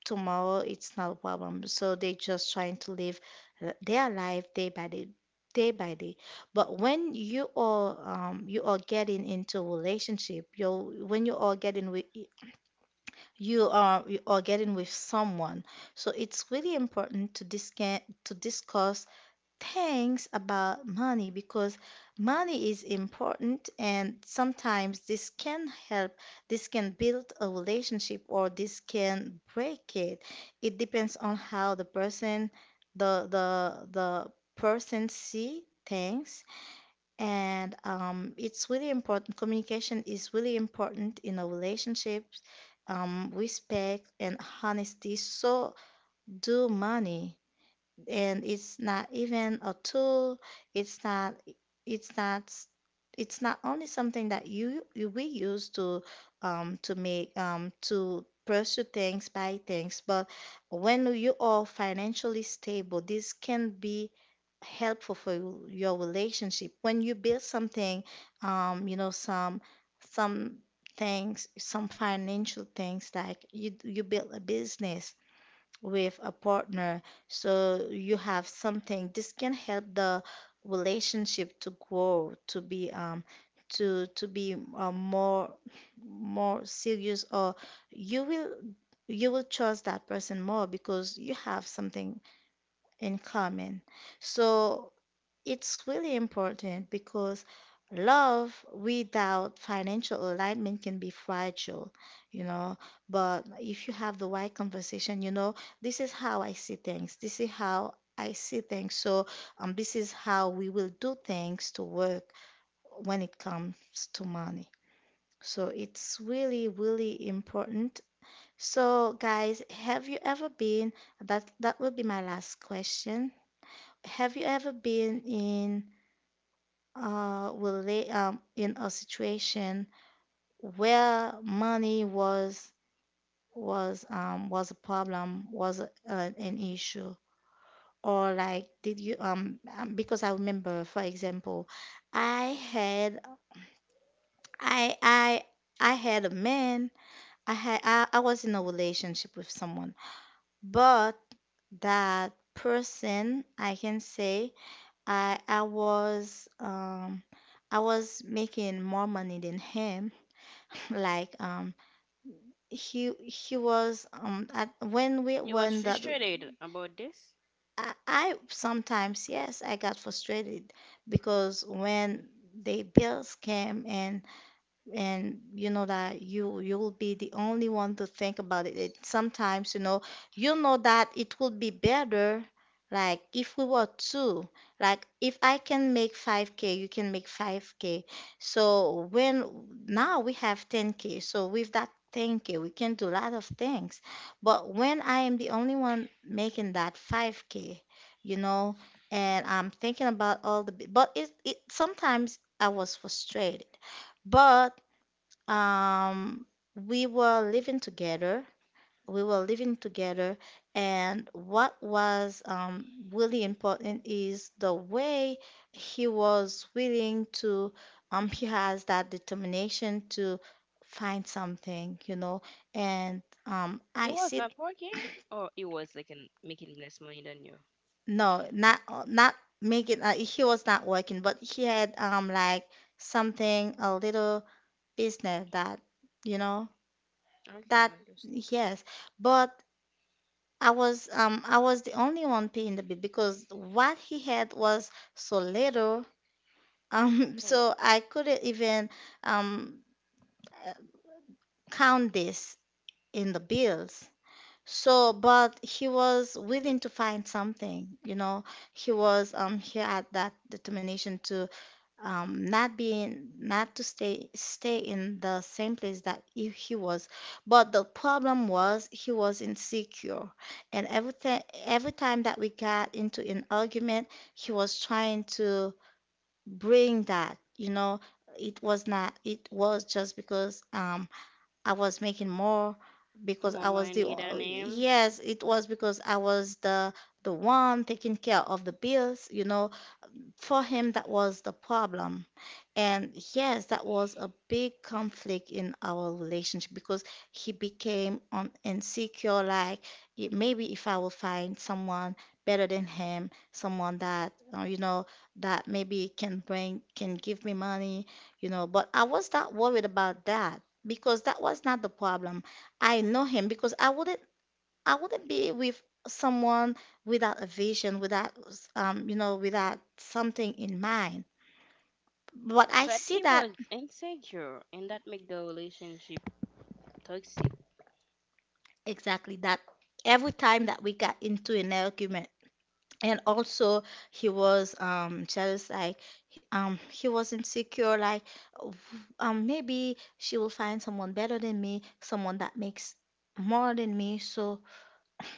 tomorrow, it's not a problem. So they just trying to live their life day by day, day by day. But when you are getting into a relationship, you, when you are getting with, you are, you are getting with someone, so it's really important to discuss things about money, because money is important and sometimes this can help, this can build a relationship, or this can break it. It depends on how the person, the person see things. And it's really important, communication is really important in a relationship, respect and honesty. So do money, and it's not even a tool. It's not. It's not. It's not only something that you we use to make, to pursue things, buy things. But when you are financially stable, this can be helpful for you- your relationship. When you build something, you know, some things, some financial things, like you build a business with a partner, so you have something. This can help the relationship to grow, to be more, more serious, or you will, you will trust that person more, because you have something in common. So it's really important, because love without financial alignment can be fragile, you know. But if you have the right conversation, you know, this is how I see things. This is how I see things. So, this is how we will do things to work when it comes to money. So, it's really, really important. So, guys, have you ever been, that that will be my last question. Have you ever been in, will lay in a situation where money was, was a problem, was a, an issue, or like did you because I remember, for example, I had I I had a man, I was in a relationship with someone, but that person, I can say I I was um I was making more money than him, like he was at when we, You was when that, frustrated about this? I sometimes, yes, I got frustrated, because when the bills came, and you know that you, you'll be the only one to think about it. It sometimes, you know, you know that it would be better, like if we were two, like if I can make 5k, you can make 5k. So when, now we have 10k, so with that 10k we can do a lot of things, but when I am the only one making that 5k, you know, and I'm thinking about all the b- but it sometimes I was frustrated. But um we were living together, we were living together. And what was really important is the way he was willing to, he has that determination to find something, you know. And It I was said, not working, or it was like an— making less money than you. no, not making. Uh, he was not working, but he had, like, something, a little business, that you know, Okay, that, I understand. yes, but I was, I was the only one paying the bill, because what he had was so little, Oh, so I couldn't even, um count this in the bills. So, but he was willing to find something, you know. He was he had that determination to, not being, not to stay in the same place that he was. But the problem was, he was insecure, and everything, every time that we got into an argument, he was trying to bring that, you know, it was not, it was just because I was making more, because more I was the money than him, yes, it was because I was the one taking care of the bills, you know. For him, that was the problem. And yes, that was a big conflict in our relationship, because he became insecure, like, "It- maybe if I will find someone better than him, someone that, you know, that maybe can bring, can give me money, you know. But I was not worried about that, because that was not the problem. I know him, because I wouldn't, I wouldn't be with someone without a vision, without, you know, without something in mind. But I but see he that, was insecure, and that make the relationship toxic, exactly that, every time that we got into an argument. And also he was, jealous, like, he was insecure, like, maybe she will find someone better than me, someone that makes more than me, so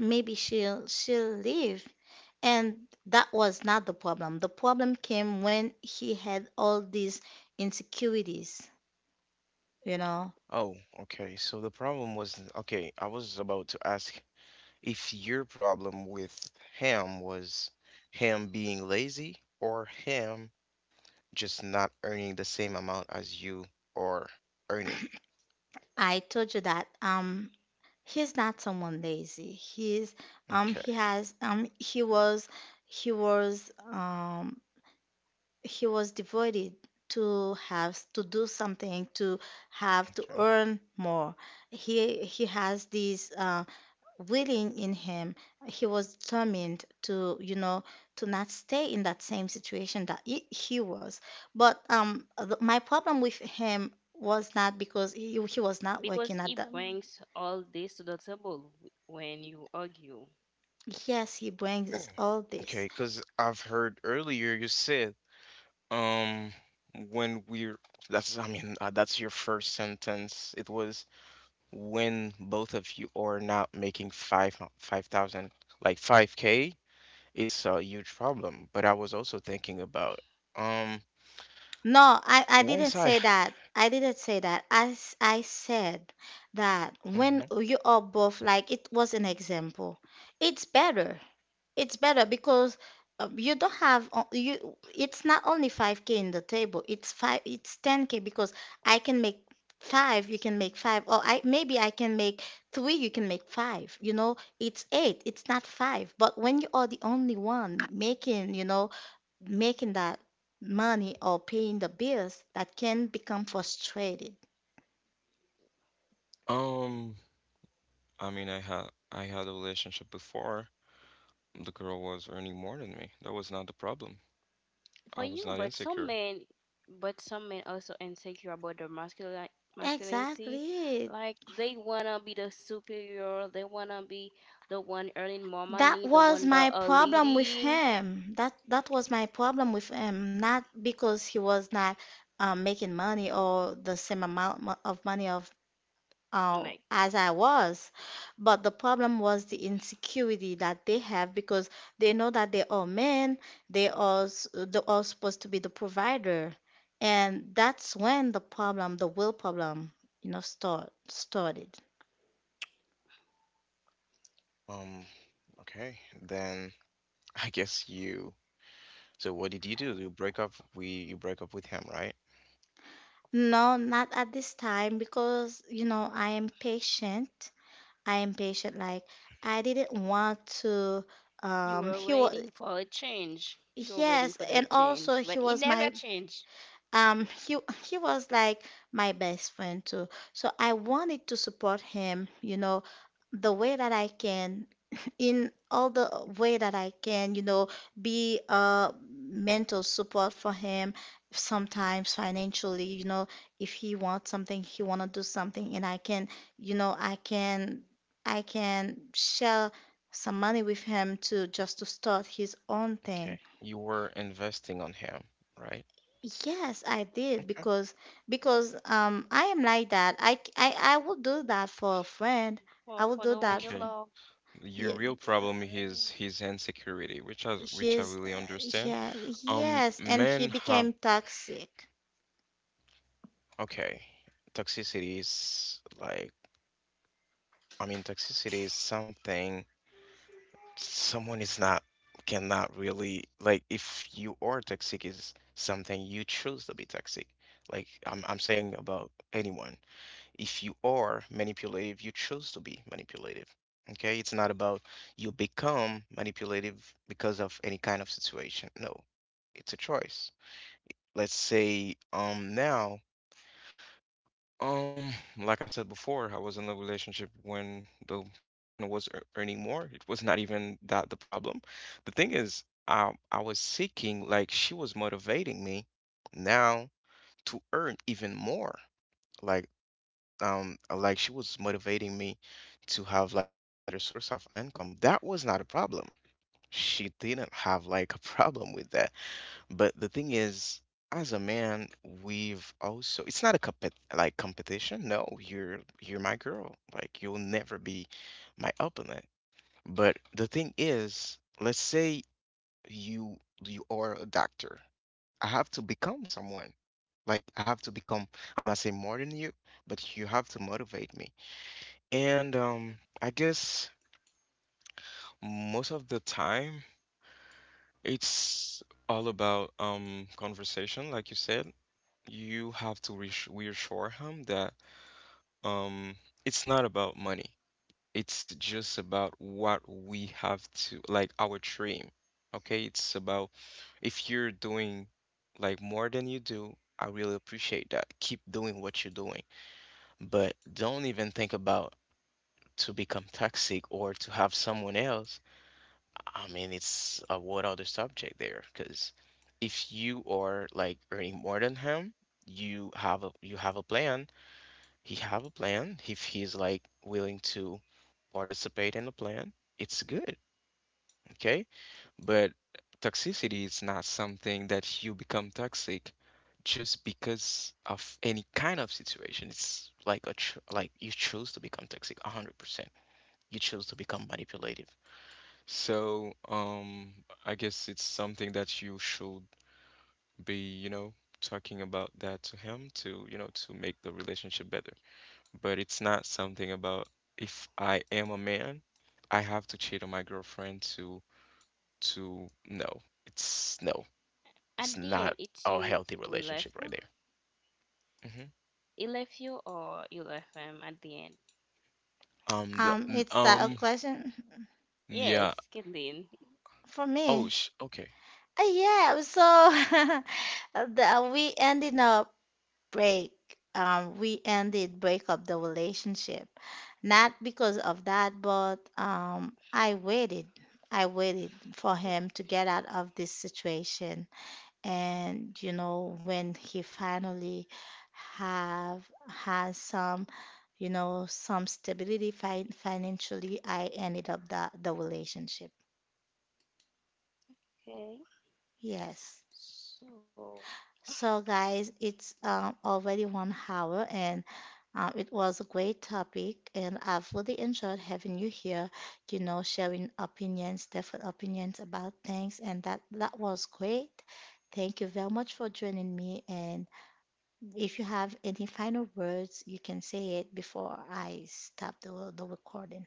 maybe she'll leave. And that was not the problem. The problem came when he had all these insecurities, you know. Oh, okay. So the problem was, okay, I was about to ask if your problem with him was him being lazy or him just not earning the same amount as you are earning. I told you that, he's not someone lazy. He's Okay, he has he was um he was devoted to have to do something to have to earn more. He has these willing in him. He was determined to, you know, to not stay in that same situation that he was. But my problem with him was not because he was not because working at he the... brings all this to the table w- when you argue. Yes, he okay. brings all Okay, this. because I've heard earlier you said, um, when we're, that's, I mean, that's your first sentence. It was when both of you are not making five, 5,000, like 5K. It's a huge problem, but I was also thinking about um No, I once didn't I say that, I didn't say that, I said that when mhm. you are both, like, it was an example, it's better. It's better because, you don't have you, it's not only 5K in the table. It's five, it's 10K because I can make five, you can make five, or I, maybe I can make three, you can make five. You know, it's eight, it's not five. But when you are the only one making, you know, making that money or paying the bills, that can become frustrated. Um, I mean, I had a relationship before. The girl was earning more than me. That was not the problem. For I was you. not But some insecure. men— but some men also insecure about their masculine masculinity, Exactly. like they wanna be the superior, they wanna be the one earning more That money, the was one that my are problem with leading him. That was my problem with him, not because he was not making money or the same amount of money of, like— as I was, but the problem was the insecurity that they have because they know that they are men, they are they are supposed to be the provider, and that's when the problem, the will problem, you know, started. um okay, then I guess you, so what did you do? You break up, we you break up with him, right? No, not at this time because, you know, I am patient. I am patient. Like, I didn't want to, You were he was, waiting for a change. You were waiting yes, for the and change, also but he it was never my changed. um, he he was like my best friend too. So I wanted to support him, you know, the way that I can, in all the way that I can, you know, be a mental support for him. Sometimes financially, you know, if he wants something, he wanna do something, and you know, I can share some money with him to just to start his own thing. Okay. You were investing on him, right? Yes, I did, Okay. Because I am like that. I c- I will do that for a friend. For I will for do the one that you for... Okay. love, Your Yeah, real problem is his insecurity, which I he's really understand. yeah yes, and he Men have became toxic. okay, toxicity is like, I mean, toxicity is something someone is not cannot really, like, if you are toxic is something you choose to be toxic. Like I'm saying about anyone. If you are manipulative, you choose to be manipulative. Okay, it's not about you become manipulative because of any kind of situation. No, it's a choice. Let's say now um like I said before, I was in a relationship when the woman was earning more. It was not even that the problem. The thing is, I was seeking, like she was motivating me now to earn even more. Like like she was motivating me to have like a better source of income. That was not a problem, she didn't have like a problem with that. But the thing is, as a man, we've also it's not a compet like competition. No, you're my girl, like you'll never be my opponent. But the thing is, let's say you you are a doctor, I have to become someone, like I have to become, I'm not saying more than you, but you have to motivate me. And I guess most of the time it's all about conversation, like you said. You have to reassure him that um it's not about money. It's just about what we have to, like, our dream. Okay, it's about if you're doing like more than you do, I really appreciate that. Keep doing what you're doing, but don't even think about to become toxic or to have someone else. I mean, it's a whole other subject there, because if you are like earning more than him, you have a plan. He have a plan. If he's like willing to participate in the plan, it's good, okay? But toxicity is not something that you become toxic just because of any kind of situation. It's like a tr like you choose to become toxic 100%. You choose to become manipulative. So, I guess it's something that you should be, you know, talking about that to him to, you know, to make the relationship better. But it's not something about if I am a man, I have to cheat on my girlfriend to no. It's no. at It's the end, not it's a you healthy who left relationship them. right there. Hmm. He left you, or you left him at the end. Um, the n- It's that a um, Kathleen. question yeah. Yes, Kathleen. for Oh, me. sh okay. Yeah, so we ended up break, we ended break up the relationship, not because of that, but I waited for him to get out of this situation. And you know, when he finally have has some, you know, some stability financially, I ended up the relationship. Okay. Yes. So So, guys, it's already 1 hour, and it was a great topic, and I've really enjoyed having you here. You know, sharing opinions, different opinions about things, and that was great. Thank you very much for joining me. And if you have any final words, you can say it before I stop the recording.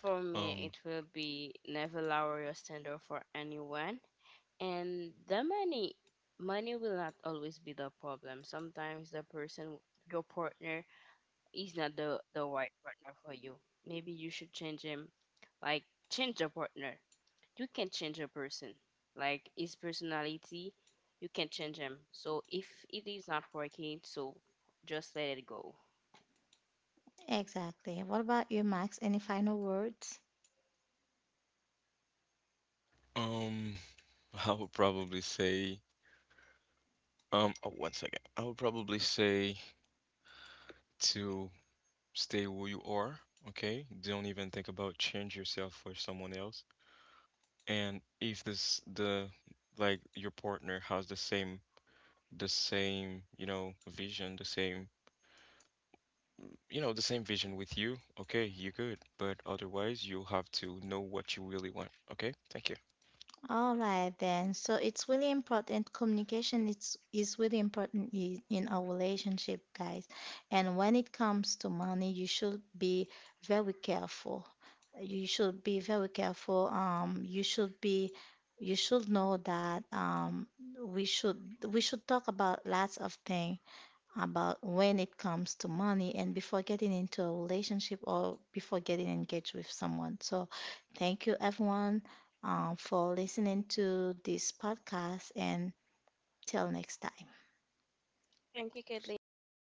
for me, Um, it will be never lower your standard for anyone, and the money. Money will not always be the problem. Sometimes the person, your partner, he's not the right partner for you. Maybe you should change him. Like, change a partner. You can change a person. Like, his personality, you can change him. So if it is not working, so just let it go. Exactly. What about you, Max? Any final words? um, I would probably say, oh, one second. I would probably say to stay who you are, okay? Don't even think about change yourself for someone else. And if this the like your partner has the same, you know, vision, the same you know, the same vision with you, okay, you're good. But otherwise, you have to know what you really want, okay? Thank you. All right then. So it's really important. Communication is really important in our relationship, guys. And when it comes to money, you should be very careful. You should be very careful. You should know that we should we should talk about lots of things about when it comes to money, and before getting into a relationship or before getting engaged with someone. So, thank you everyone, for listening to this podcast and till next time. Thank you, Kathleen, for having